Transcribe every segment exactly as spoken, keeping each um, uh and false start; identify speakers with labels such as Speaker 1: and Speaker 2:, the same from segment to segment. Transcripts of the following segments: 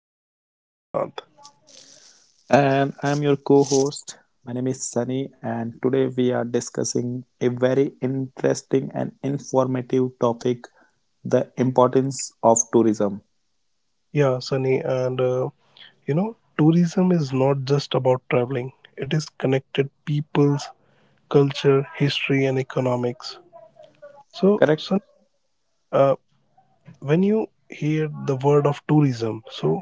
Speaker 1: Your host, Shrikant.
Speaker 2: And I'm your co host. My name is Sunny, and today we are discussing a very interesting and informative topic, the importance of tourism.
Speaker 1: Yeah, Sunny, and uh, you know, tourism is not just about traveling, it is connected peoples, culture, history, and economics. So,
Speaker 2: Correct?
Speaker 1: Sunny, uh, when you hear the word of tourism, so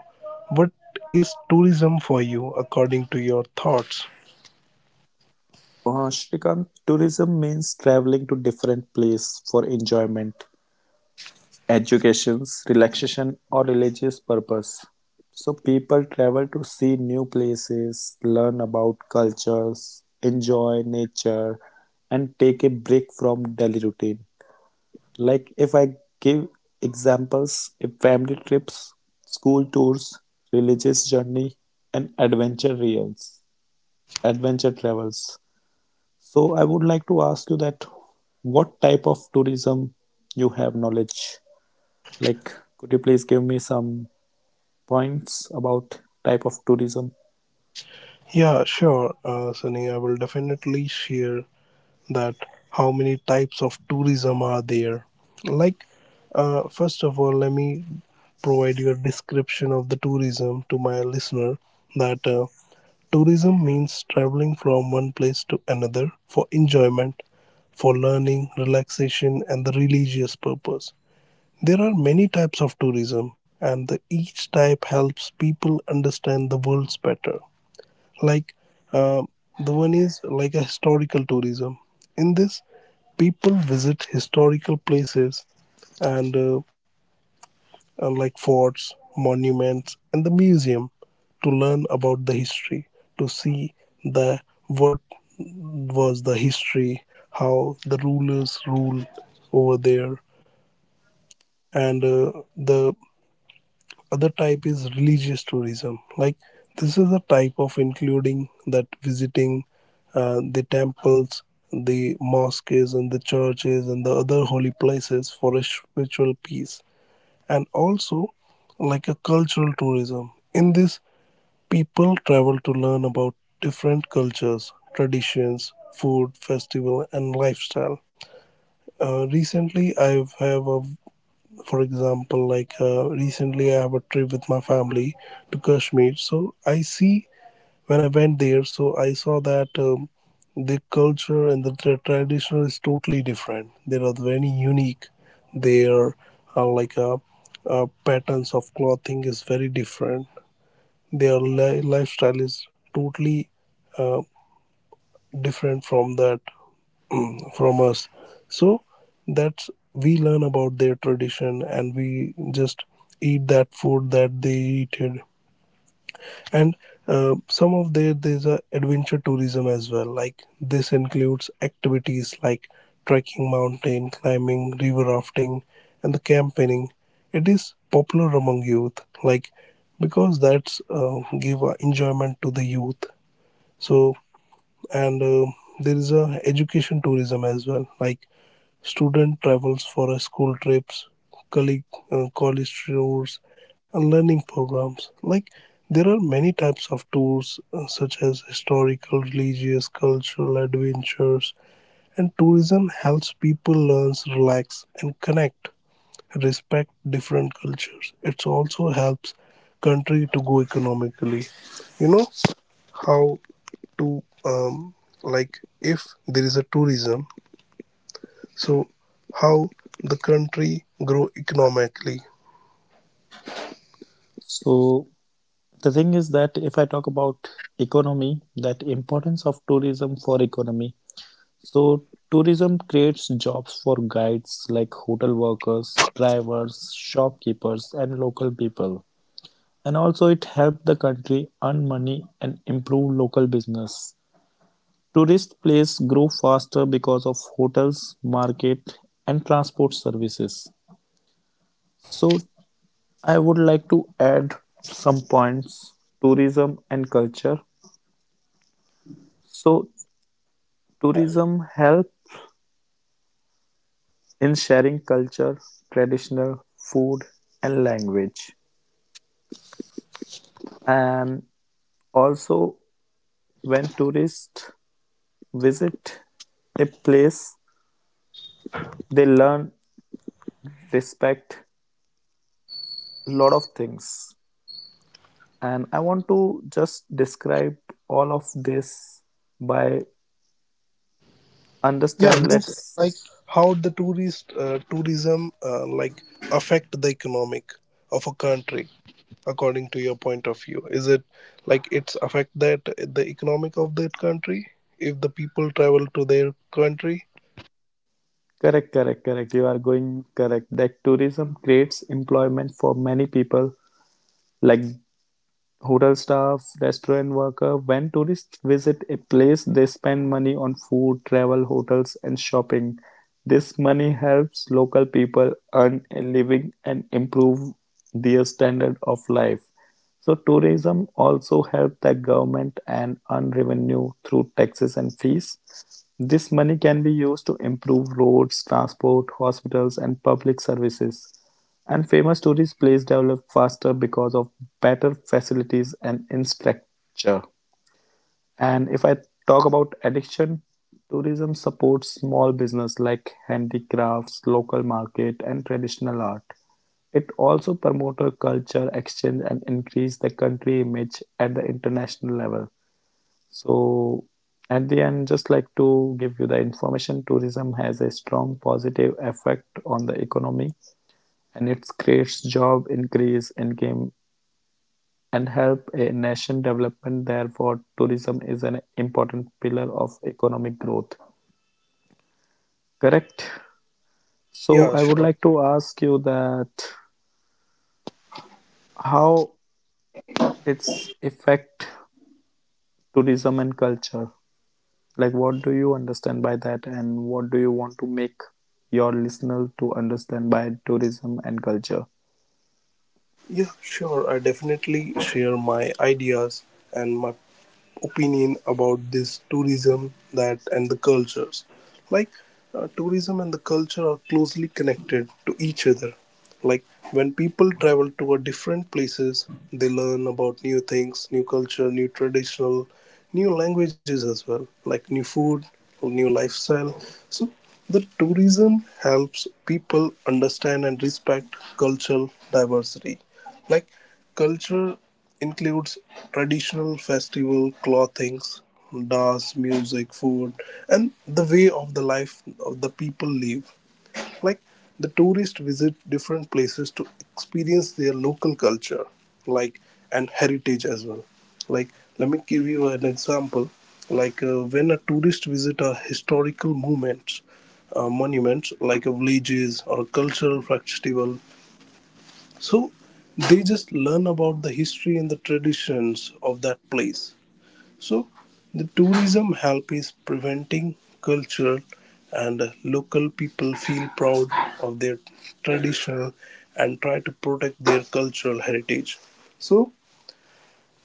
Speaker 1: what is tourism for you according to your thoughts?
Speaker 2: Uh, Shrikant, tourism means traveling to different place for enjoyment, education, relaxation, or religious purpose. So people travel to see new places, learn about cultures, enjoy nature, and take a break from daily routine. Like if I give examples, if family trips, school tours, religious journey, and adventure reels, adventure travels. So I would like to ask you that what type of tourism you have knowledge? Like could you please give me some points about type of tourism?
Speaker 1: Yeah, sure, uh, Sunny. I will definitely share that how many types of tourism are there. Like, uh, first of all, let me provide you a description of the tourism to my listener that uh, tourism means traveling from one place to another for enjoyment, for learning, relaxation, and the religious purpose. There are many types of tourism, and the, each type helps people understand the worlds better like uh, the one is like a historical tourism. In this, people visit historical places and uh, uh, like forts monuments and the museum to learn about the history, to see the what was the history, how the rulers ruled over there, and uh, the Other type is religious tourism. Like this is a type of including that visiting uh, the temples, the mosques, and the churches and the other holy places for a spiritual peace, and also like a cultural tourism. In this, people travel to learn about different cultures, traditions, food, festival, and lifestyle. Uh, recently, I have a For example, like uh, recently I have a trip with my family to Kashmir, so I see when I went there, so I saw that um, the culture and the tra- traditional is totally different, they are very unique. Their uh, like uh, uh, patterns of clothing is very different, their li- lifestyle is totally uh, different from that, from us. So that's we learn about their tradition and we just eat that food that they eated. And uh, some of their there's a adventure tourism as well, like this includes activities like trekking, mountain climbing, river rafting and the campaigning. It is popular among youth, like because that's uh, give a enjoyment to the youth. So and um there is a education tourism as well, like student travels for a school trips, colleague, uh, college tours and learning programs. Like there are many types of tours, uh, such as historical, religious, cultural, adventures, and tourism helps people learn, relax and connect, respect different cultures. It also helps country to go economically. You know how to um, like if there is a tourism, so how the country grow economically.
Speaker 2: So the thing is that if I talk about economy, that importance of tourism for economy, so tourism creates jobs for guides like hotel workers, drivers, shopkeepers and local people. And also it helped the country earn money and improve local business. Tourist places grow faster because of hotels, market and transport services. So I would like to add some points, tourism and culture. So tourism help in sharing culture, traditional food and language. And also when tourists visit a place, they learn respect a lot of things. And I want to just describe all of this by
Speaker 1: Yeah,
Speaker 2: understand
Speaker 1: means
Speaker 2: let's
Speaker 1: like how the tourist uh, tourism uh, like affect the economic of a country. According to your point of view, is it like it's affect that the economic of that country if the people travel to their country?
Speaker 2: correct correct correct you are going correct that tourism creates employment for many people like hotel staff, restaurant worker. When tourists visit a place, they spend money on food, travel, hotels and shopping. This money helps local people earn a living and improve their standard of life. So tourism also helps the government and earn revenue through taxes and fees. This money can be used to improve roads, transport, hospitals and public services. And famous tourist places developed faster because of better facilities and infrastructure. And if I talk about addiction, tourism supports small business like handicrafts, local market, and traditional art. It also promotes culture exchange and increase the country image at the international level. So, at the end, just like to give you the information, tourism has a strong positive effect on the economy and it creates jobs, increases income and help a nation development. Therefore, tourism is an important pillar of economic growth. Correct.
Speaker 1: Yeah
Speaker 2: So I would
Speaker 1: sure.
Speaker 2: like to ask you that how it's affect tourism and culture. Like what do you understand by that and what do you want to make your listener to understand by tourism and culture?
Speaker 1: Yeah sure, I definitely share my ideas and my opinion about this tourism that and the cultures. Like uh, tourism and the culture are closely connected to each other. Like when people travel to a different places, they learn about new things, new culture, new traditional, new languages as well, like new food, new lifestyle. So the tourism helps people understand and respect cultural diversity. Like culture includes traditional festival, clothings, dance, music, food, and the way of the life of the people live. Like the tourists visit different places to experience their local culture, like and heritage as well. Like let me give you an example, like uh, when a tourist visit a historical movement, uh, monuments like a villages or a cultural festival. So they just learn about the history and the traditions of that place. So the tourism help is preventing cultural and uh, local people feel proud of their traditional and try to protect their cultural heritage. So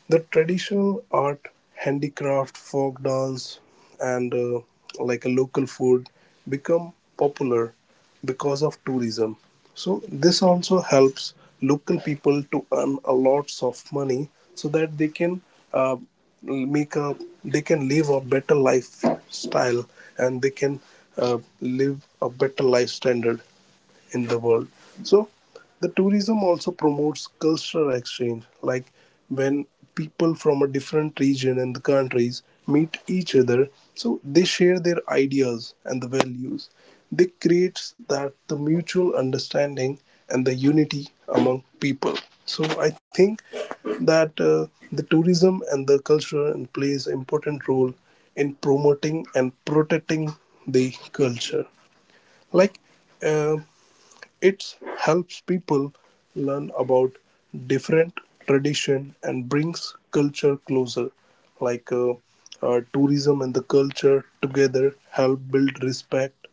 Speaker 1: the traditional art, handicraft, folk dance, and uh, like a local food become popular because of tourism. So this also helps local people to earn a lots of money, so that they can uh, make a they can live a better lifestyle, and they can uh, live a better life standard in the world. So the tourism also promotes cultural exchange, like when people from a different region and the countries meet each other, so they share their ideas and the values. They creates that the mutual understanding and the unity among people. So I think that uh, the tourism and the culture and plays important role in promoting and protecting the culture, like uh, it helps people learn about different tradition and brings culture closer. Like uh, uh, tourism and the culture together help build respect,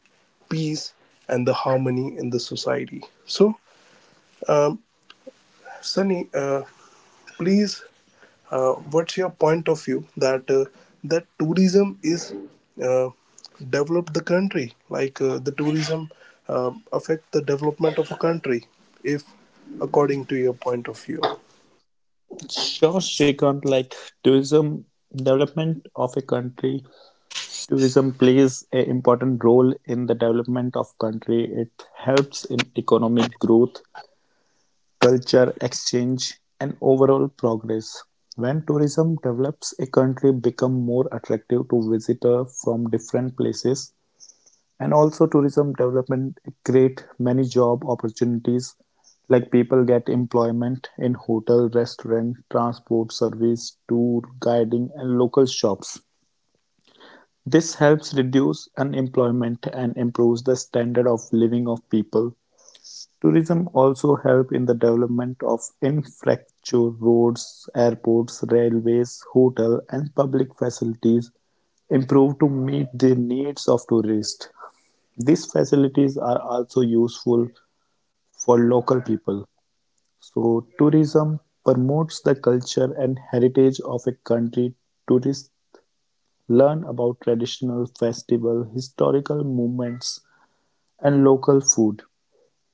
Speaker 1: peace, and the harmony in the society. So, Sunny, uh, please uh, what's your point of view that uh, that tourism is uh, develop the country, like uh, the tourism uh, affect the development of a country if according to your point of view?
Speaker 2: Sure, Shrikant, like tourism development of a country. Tourism plays an important role in the development of country. It helps in economic growth, culture exchange, and overall progress. When tourism develops, a country become more attractive to visitor from different places. And also tourism development create many job opportunities like people get employment in hotel, restaurant, transport service, tour guiding and local shops. This helps reduce unemployment and improves the standard of living of people. Tourism also help in the development of infrastructure, roads, airports, railways, hotel and public facilities improve to meet the needs of tourists. These facilities are also useful for local people. So tourism promotes the culture and heritage of a country. Tourists learn about traditional festival, historical movements, and local food.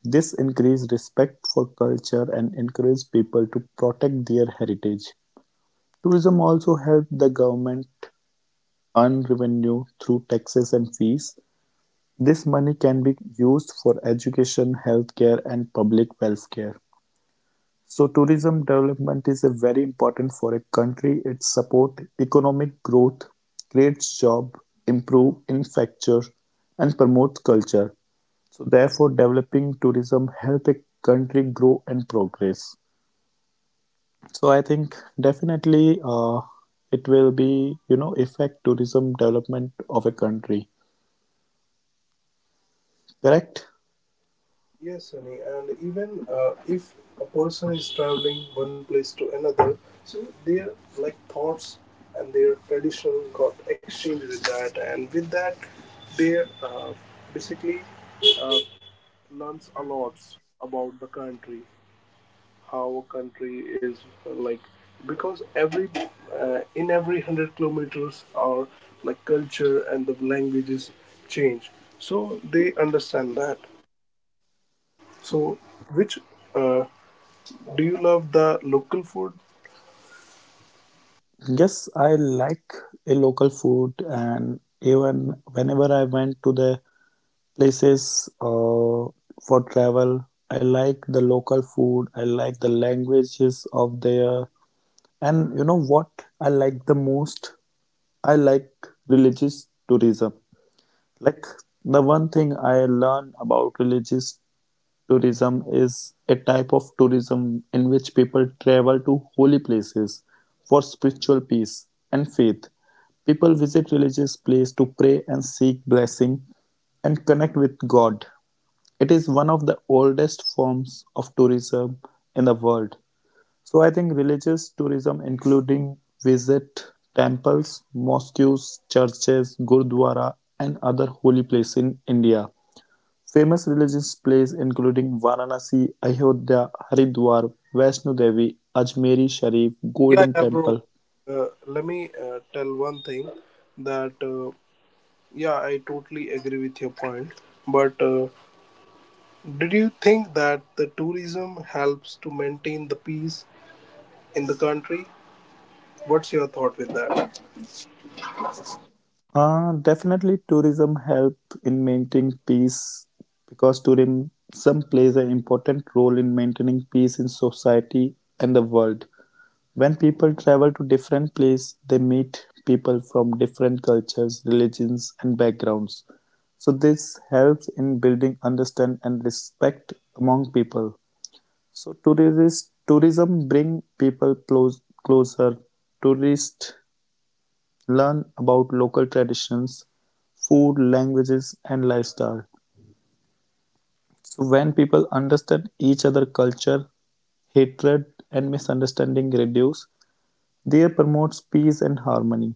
Speaker 2: This increases respect for culture and encourages people to protect their heritage. Tourism also helps the government earn revenue through taxes and fees. This money can be used for education, healthcare, and public welfare. So tourism development is a very important for a country. It support economic growth, creates job, improve infrastructure, and promotes culture. So therefore, developing tourism help a country grow and progress. So I think definitely uh, it will be, you know, affect tourism development of a country. Correct?
Speaker 1: Yes Sunny, and even uh, if a person is traveling one place to another, so their like thoughts and their tradition got exchanged with that, and with that they uh, basically uh, learns a lot about the country, how a country is uh, like because every uh, in every one hundred kilometers our like culture and the languages change, so they understand that. So which uh, do you love the local food?
Speaker 2: Yes, I like a local food, and even whenever I went to the places uh, for travel, I like the local food, I like the languages of their, and you know what I like the most? I like religious tourism. Like the one thing I learn about religious tourism is a type of tourism in which people travel to holy places for spiritual peace and faith. People visit religious places to pray and seek blessing and connect with God. It is one of the oldest forms of tourism in the world. So I think religious tourism including visit temples, mosques, churches, gurdwara and other holy places in India. Famous religious places including Varanasi, Ayodhya, Haridwar, Vaishno Devi, Ajmeri Sharif,
Speaker 1: Yeah,
Speaker 2: Golden
Speaker 1: yeah bro,
Speaker 2: Temple.
Speaker 1: uh, let me uh, tell one thing that uh, yeah, I totally agree with your point, but uh, did you think that the tourism helps to maintain the peace in the country? What's your thought with that?
Speaker 2: Uh, definitely tourism help in maintaining peace because tourism plays an important role in maintaining peace in society and the world. When people travel to different places, they meet people from different cultures, religions and backgrounds. So this helps in building understand and respect among people. So tourist tourism bring people close, closer. Tourists learn about local traditions, food, languages, and lifestyle. So when people understand each other culture, hatred and misunderstanding reduce. They promotes peace and harmony.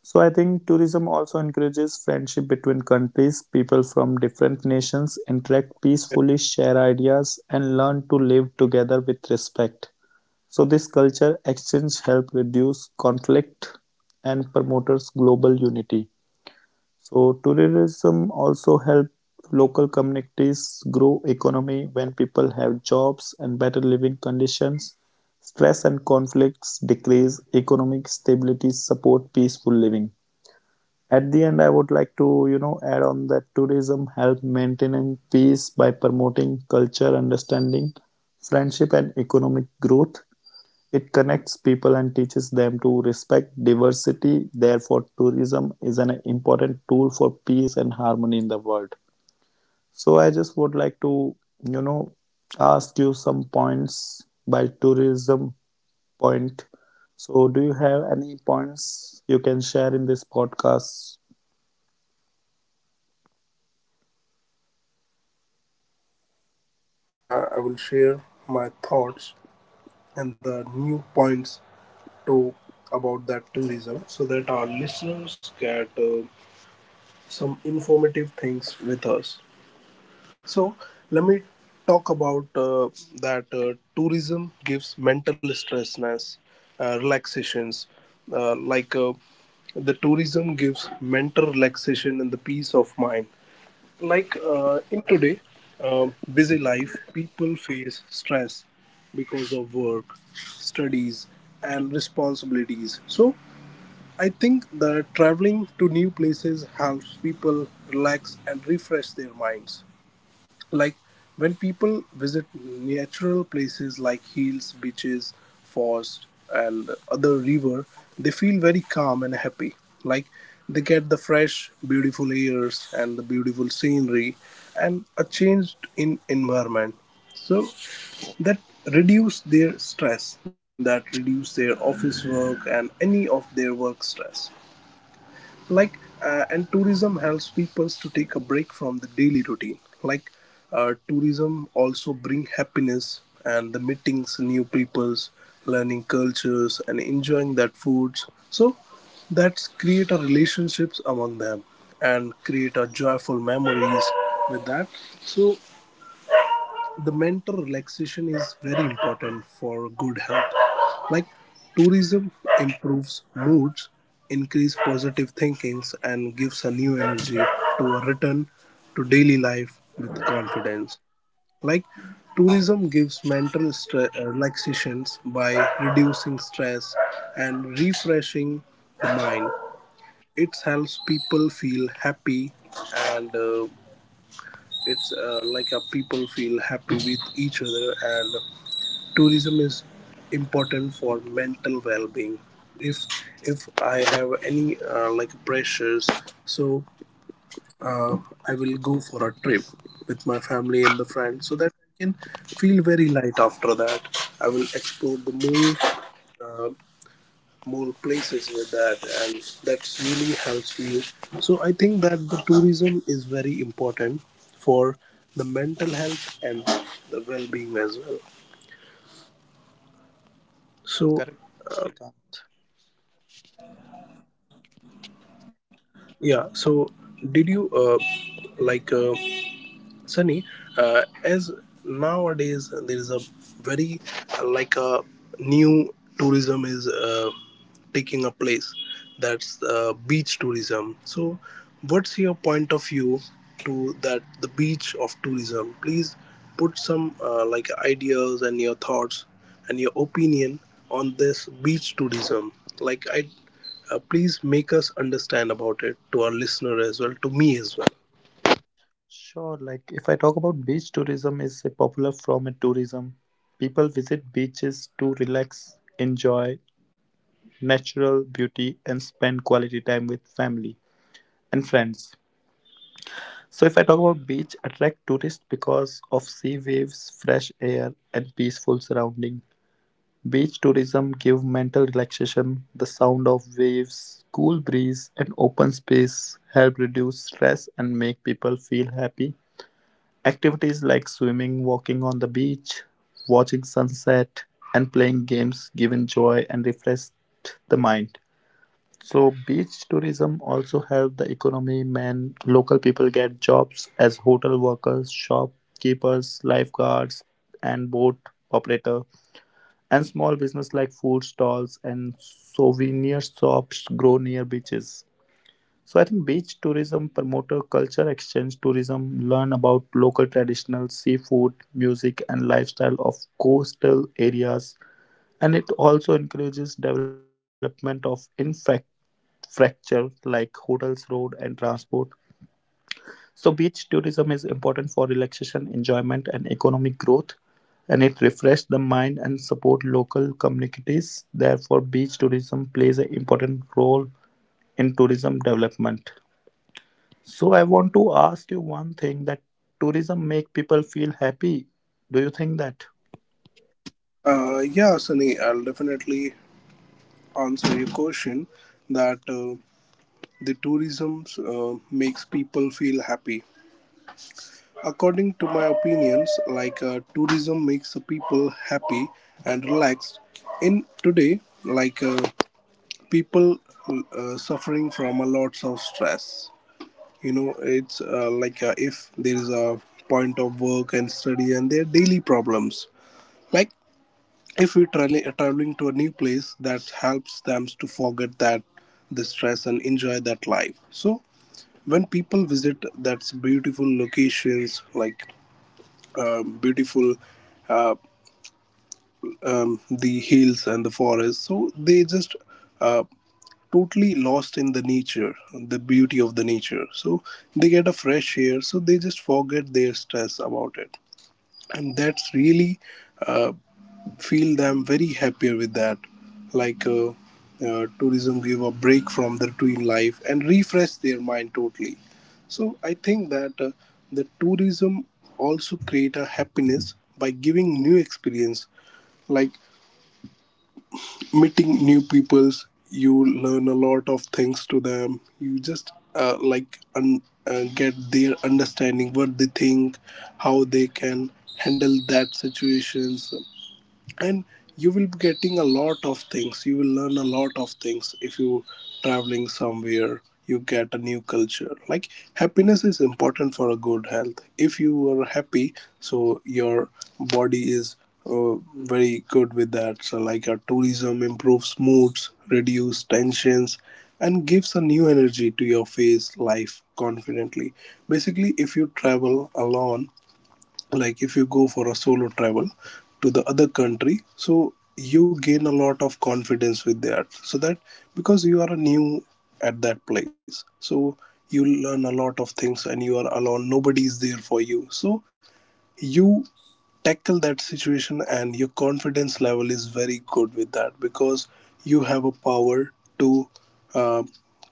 Speaker 2: So I think tourism also encourages friendship between countries. People from different nations interact peacefully, share ideas, and learn to live together with respect. So this culture exchange help reduce conflict and promotes global unity. So tourism also help local communities grow economy when people have jobs and better living conditions. Stress and conflicts decrease, economic stability support peaceful living. At the end, I would like to, you know, add on that tourism help maintaining peace by promoting culture, understanding, friendship, and economic growth. It connects people and teaches them to respect diversity. Therefore, tourism is an important tool for peace and harmony in the world. So, I just would like to, you know, ask you some points by tourism point. So, do you have any points you can share in this podcast
Speaker 1: Yeah, definitely. Uh, I will share my thoughts and the new points to about that tourism, so that our listeners get uh, some informative things with us. So, let me talk about uh, that uh, tourism gives mental stressness, uh, relaxations, uh, like uh, the tourism gives mental relaxation and the peace of mind. Like uh, in today um busy life, people face stress because of work, studies and responsibilities. So I think that traveling to new places helps people relax and refresh their minds. Like when people visit natural places like hills, beaches, forests and other river, they feel very calm and happy. Like they get the fresh beautiful airs and the beautiful scenery and a changed in environment. So that reduce their stress, that reduce their office work and any of their work stress. Like uh, and tourism helps people to take a break from the daily routine. Like uh, tourism also bring happiness and the meetings new peoples, learning cultures and enjoying that foods. So that's create a relationships among them and create a joyful memories with that. So the mental relaxation is very important for good health. Like tourism improves moods, increase positive thinkings, and gives a new energy to a return to daily life with confidence. Like tourism gives mental stre- uh, relaxations by reducing stress and refreshing the mind. It helps people feel happy and uh, it's uh, like a people feel happy with each other, and Tourism is important for mental well-being. If if I have any uh, like pressures, so uh, I will go for a trip with my family and the friends, so that I can feel very light after that. I will explore the more more places with that, and that really helps me. So I think that the tourism is very important for the mental health and the well-being as well. So
Speaker 3: Correct, Srikanth.
Speaker 1: Yeah. So, did you uh, like uh, Sunny, uh, as nowadays there is a very uh, like a new tourism is uh, taking a place, that's uh, beach tourism. So, what's your point of view to that the beach of tourism? Please put some uh, like ideas and your thoughts and your opinion on this beach tourism. Like I, uh, please make us understand about it, to our listener as well, to me as well.
Speaker 3: Sure, like if I talk about beach tourism is a popular form of tourism. People visit beaches to relax, enjoy natural beauty and spend quality time with family and friends. So if I talk about beach attract tourists because of sea waves, fresh air and peaceful surrounding. Beach tourism give mental relaxation, the sound of waves, cool breeze and open space help reduce stress and make people feel happy. Activities like swimming, walking on the beach, watching sunset, and playing games give joy and refresh the mind. So beach tourism also help the economy. Man, local people get jobs as hotel workers, shopkeepers, lifeguards, and boat operator. And small business like food stalls and souvenir shops grow near beaches. So I think beach tourism promoter culture exchange tourism, learn about local traditional seafood, music and lifestyle of coastal areas and it also encourages development of infrastructure like hotels, road and transport. So beach tourism is important for relaxation, enjoyment and economic growth and it refreshes the mind and support local communities. Therefore beach tourism plays an important role in tourism development. So I want to ask you one thing that tourism make people feel happy. Do you think that?
Speaker 1: Uh, yeah, Sunny, I'll definitely answer your question that uh, the tourism uh, makes people feel happy. According to my opinions, like uh, tourism makes the people happy and relaxed. In today, like uh, people uh, suffering from a lots of stress. You know, it's uh, like uh, if there is a point of work and study and their daily problems. Like if we tra- traveling to a new place that helps them to forget that the stress and enjoy that life. So when people visit that's beautiful locations, like uh, beautiful uh, um, the hills and the forest, so they just uh, totally lost in the nature, the beauty of the nature, so they get a fresh air, so they just forget their stress about it. And that's really uh, feel them very happier with that. like uh, uh, Tourism give a break from the routine life and refresh their mind totally. So I think that uh, the tourism also create a happiness by giving new experience, like meeting new peoples. You learn a lot of things to them. You just uh, like un- uh, get their understanding what they think, how they can handle that situations. And you will be getting a lot of things, you will learn a lot of things if you traveling somewhere. You get a new culture. Like happiness is important for a good health. If you are happy, so your body is uh, very good with that. So like a tourism improves moods, reduce tensions and gives a new energy to your face life confidently. Basically, if you travel alone, like if you go for a solo travel to the other country, so you gain a lot of confidence with that. So that because you are new at that place, so you learn a lot of things, and you are alone, nobody is there for you, so you tackle that situation and your confidence level is very good with that, because you have a power to uh,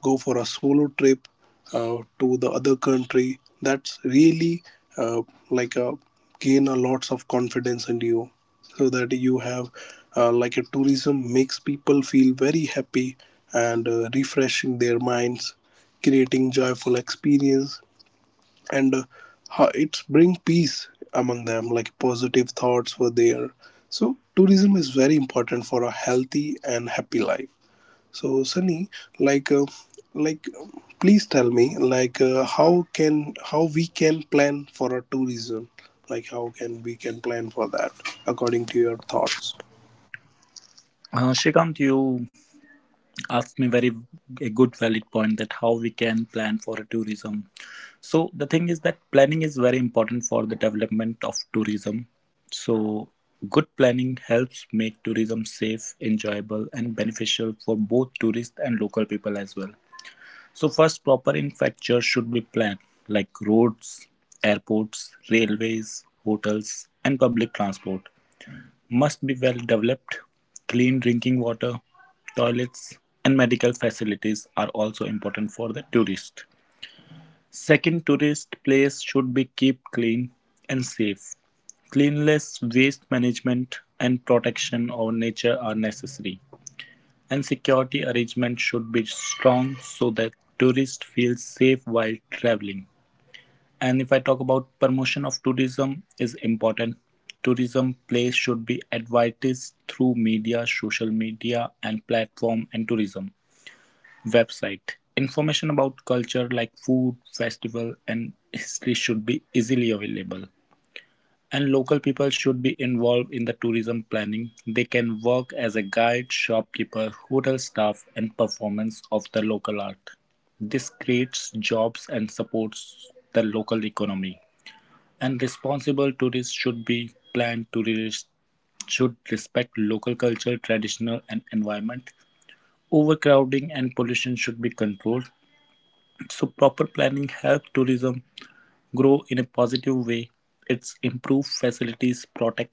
Speaker 1: go for a solo trip uh, to the other country. That's really uh, like a gain a lots of confidence in you, so that you have uh, like a tourism makes people feel very happy and uh, refreshing their minds, creating joyful experience. And uh, ho- it's bring peace among them, like positive thoughts were there. So tourism is very important for a healthy and happy life. So Sunny, like uh, like um, please tell me, like uh, how can how we can plan for a tourism, like how can we can plan for that according to your thoughts?
Speaker 3: Uh, Shrikant, you asked me very a good valid point that how we can plan for a tourism. So the thing is that planning is very important for the development of tourism. So good planning helps make tourism safe, enjoyable, and beneficial for both tourists and local people as well. So first proper infrastructure should be planned like roads, airports, railways, hotels and public transport must be well developed. Clean drinking water, toilets and medical facilities are also important for the tourist. Second tourist place should be kept clean and safe. Cleanliness, waste management and protection of nature are necessary. And security arrangements should be strong so that tourist feels safe while traveling. And if I talk about promotion of tourism is important. Tourism place should be advertised through media, social media and platform and tourism website. Information about culture like food, festival and history should be easily available. And local people should be involved in the tourism planning. They can work as a guide, shopkeeper, hotel staff, and performance of the local art. This creates jobs and supports the local economy. And responsible tourists should be planned to re- should respect local culture, traditional, and environment. Overcrowding and pollution should be controlled. So proper planning helps tourism grow in a positive way. It's improve facilities, protect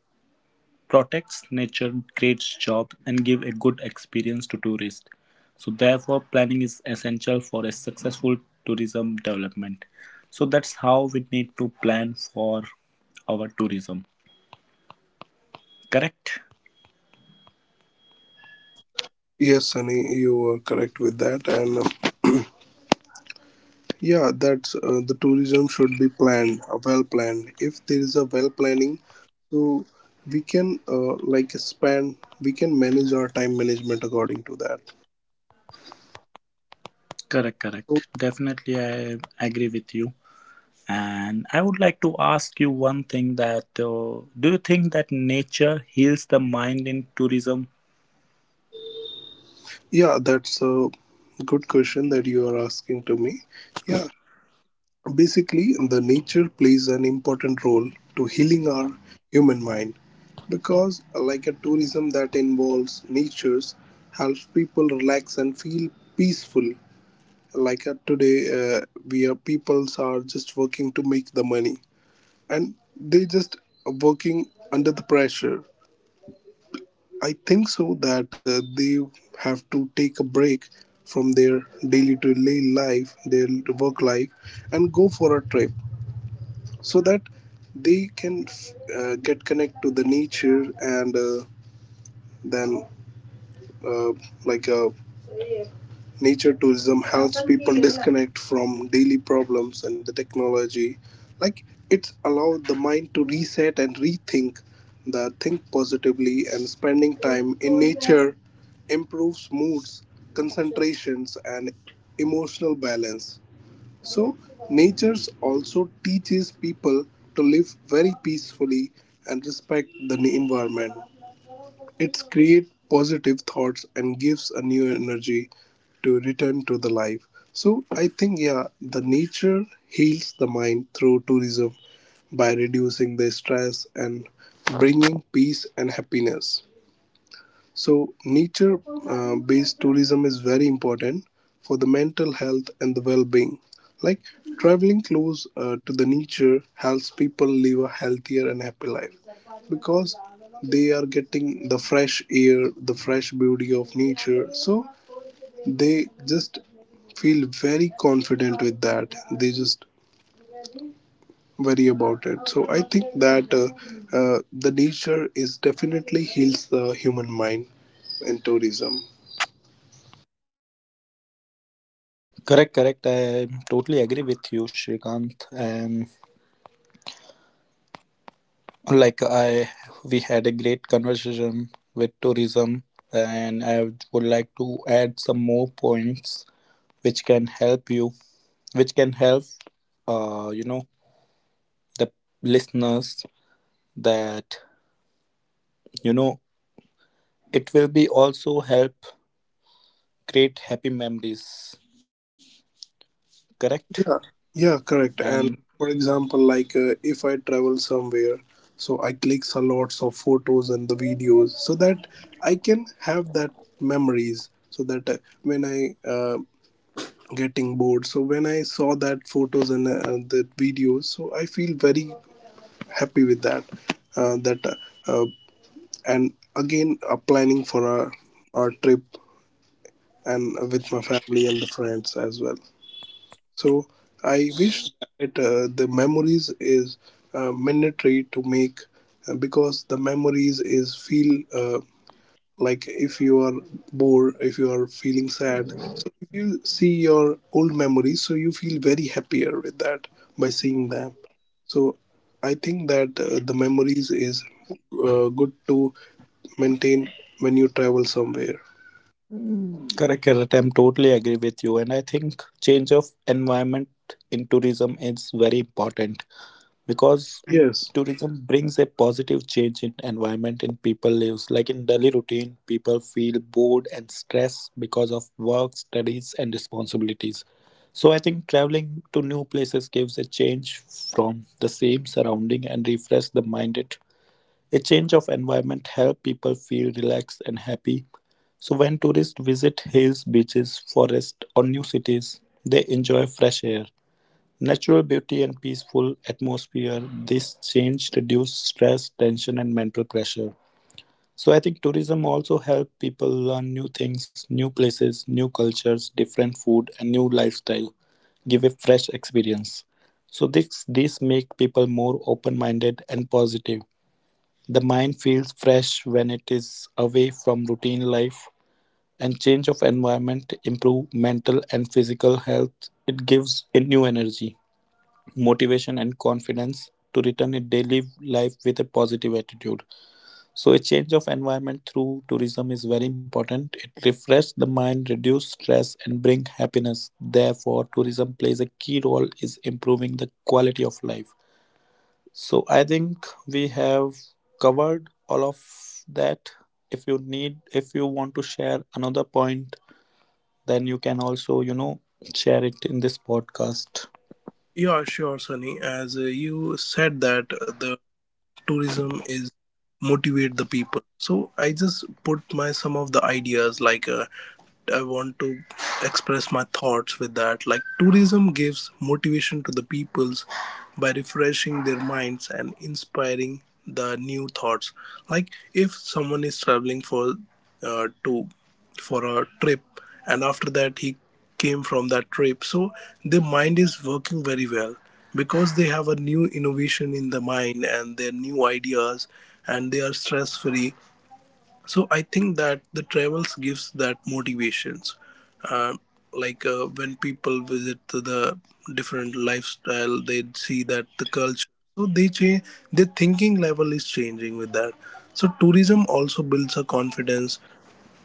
Speaker 3: protects nature, creates jobs, and give a good experience to tourists. So therefore, planning is essential for a successful tourism development. So that's how we need to plan for our tourism. Correct?
Speaker 1: Yes, Sunny, you are correct with that. And uh, Yeah, that's uh, the tourism should be planned, uh, well planned. If there is a well planning, so we can uh, like span, we can manage our time management according to that.
Speaker 3: Correct,
Speaker 1: So
Speaker 3: correct. Definitely, I agree with you. And I would like to ask you one thing that uh, do you think that nature heals the mind in tourism?
Speaker 1: yeah, that's a good question that you are asking to me. Yeah, basically, the nature plays an important role to healing our human mind, because like a tourism that involves natures helps people relax and feel peaceful. Like uh, today uh, we are peoples are just working to make the money, and they just working under the pressure. I think so that uh, they have to take a break from their daily to daily life, their work life, and go for a trip, so that they can f- uh, get connect to the nature. And uh, then uh, like uh, Nature tourism helps people disconnect from daily problems and the technology. Like it's allowed the mind to reset and rethink, the think positively, and spending time in nature improves moods, concentrations and emotional balance. So, nature also teaches people to live very peacefully and respect the environment. It creates positive thoughts and gives a new energy to return to the life. So, I think, yeah, the nature heals the mind through tourism by reducing the stress and bringing peace and happiness. So, nature uh, based tourism is very important for the mental health and the well being. Like, traveling close uh, to the nature helps people live a healthier and happy life, because they are getting the fresh air, the fresh beauty of nature. So, they just feel very confident with that. They just worry about it. So, I think that uh, uh, the nature is definitely heals the human mind in tourism.
Speaker 3: Correct, correct. I totally agree with you, Shrikant. And like i we had a great conversation with tourism and i would like to add some more points which can help you which can help uh you know the listeners that you know it will be also help create happy memories, correct
Speaker 1: Uh, Yeah, correct.
Speaker 3: and.
Speaker 1: And for example, like uh, if I travel somewhere, so I click a lots of photos and the videos, so that I can have that memories. So that uh, when I uh, getting bored, so when I saw that photos and uh, the videos, so I feel very happy with that. Uh, that uh, uh, and again, uh, planning for a, a trip and uh, with my family and the friends as well. So I wish that uh, the memories is uh, mandatory to make, uh, because the memories is feel uh, like if you are bored, if you are feeling sad. So if you see your old memories, so you feel very happier with that by seeing them. So I think that uh, the memories is uh, good to maintain when you travel somewhere.
Speaker 3: Correct, correct. I'm totally agree with you. And I think change of environment in tourism is very important because
Speaker 1: Yes.
Speaker 3: tourism brings a positive change in environment in people lives like in daily routine people feel bored and stressed because of work studies and responsibilities, so I think traveling to new places gives a change from the same surrounding and refresh the mind. It a change of environment help people feel relaxed and happy so when tourists visit hills beaches forests or new cities, they enjoy fresh air, natural beauty and peaceful atmosphere. This change reduce stress, tension and mental pressure. So I think tourism also help people learn new things, new places, new cultures, different food and new lifestyle, give a fresh experience. So this this make people more open-minded and positive. The mind feels fresh when it is away from routine life and change of environment improve mental and physical health. It gives a new energy motivation and confidence to return a daily life with a positive attitude. So a change of environment through tourism is very important. It refreshes the mind, reduce stress and bring happiness. Therefore tourism plays a key role is improving the quality of life. So I think we have covered all of that. If you need if you want to share another point, then you can also you know share it in this podcast.
Speaker 1: Yeah, sure, Sunny. As uh, you said that uh, the tourism is motivate the people, so I just put my some of the ideas, like uh, I want to express my thoughts with that. Like tourism gives motivation to the peoples by refreshing their minds and inspiring the new thoughts. Like if someone is traveling for uh, to for a trip, and after that he came from that trip, so their mind is working very well, because they have a new innovation in the mind and their new ideas, and they are stress free. So I think that the travels gives that motivations. uh, like uh, when people visit to the different lifestyle, they see that the culture, so they change, their thinking level is changing with that. So tourism also builds a confidence.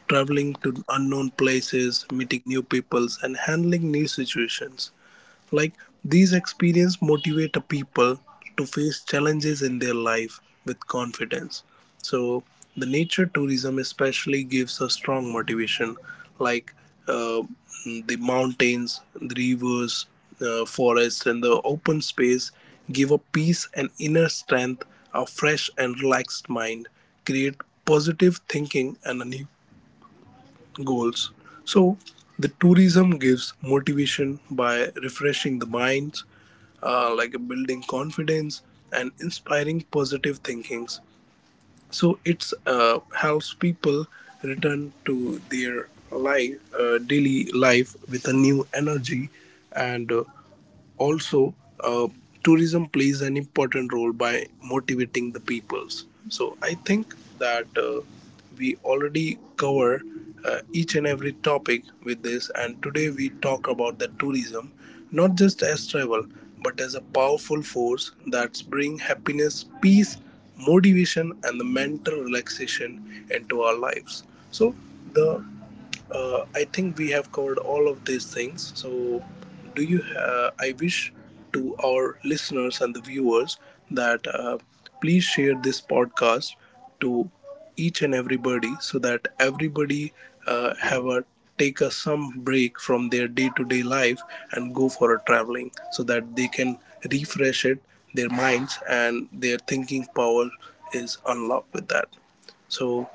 Speaker 1: Traveling to unknown places, meeting new peoples and handling new situations, like these experiences motivate a people to face challenges in their life with confidence. So the nature tourism especially gives a strong motivation, like uh, the mountains, the rivers, uh, forests, and the open space give a peace and inner strength, a fresh and relaxed mind, create positive thinking and a new goals. So, the tourism gives motivation by refreshing the minds, uh, like building confidence and inspiring positive thinkings. So, it's uh, helps people return to their life, uh, daily life with a new energy, and uh, also uh, tourism plays an important role by motivating the peoples. So I think that uh, we already cover uh, each and every topic with this, and today we talk about the tourism not just as travel, but as a powerful force that's bring happiness, peace, motivation and the mental relaxation into our lives. So the uh, I think we have covered all of these things. So, do you? Uh, I wish to our listeners and the viewers that uh, please share this podcast to each and everybody, so that everybody uh, have a take a some break from their day-to-day life and go for a traveling, so that they can refresh it, their minds and their thinking power is unlocked with that. So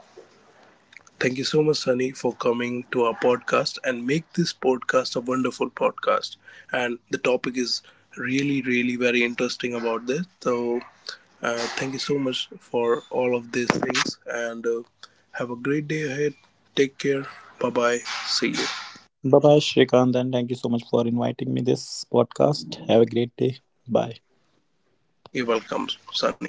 Speaker 1: thank you so much, Sunny, for coming to our podcast and make this podcast a wonderful podcast. And the topic is really, really very interesting about this. So, uh, thank you so much for all of these things, and uh, have a great day ahead. Take care. Bye bye. See you.
Speaker 3: Bye bye, Shrikant, and thank you so much for inviting me this podcast. Have a great day. Bye.
Speaker 1: You're welcome, Sunny.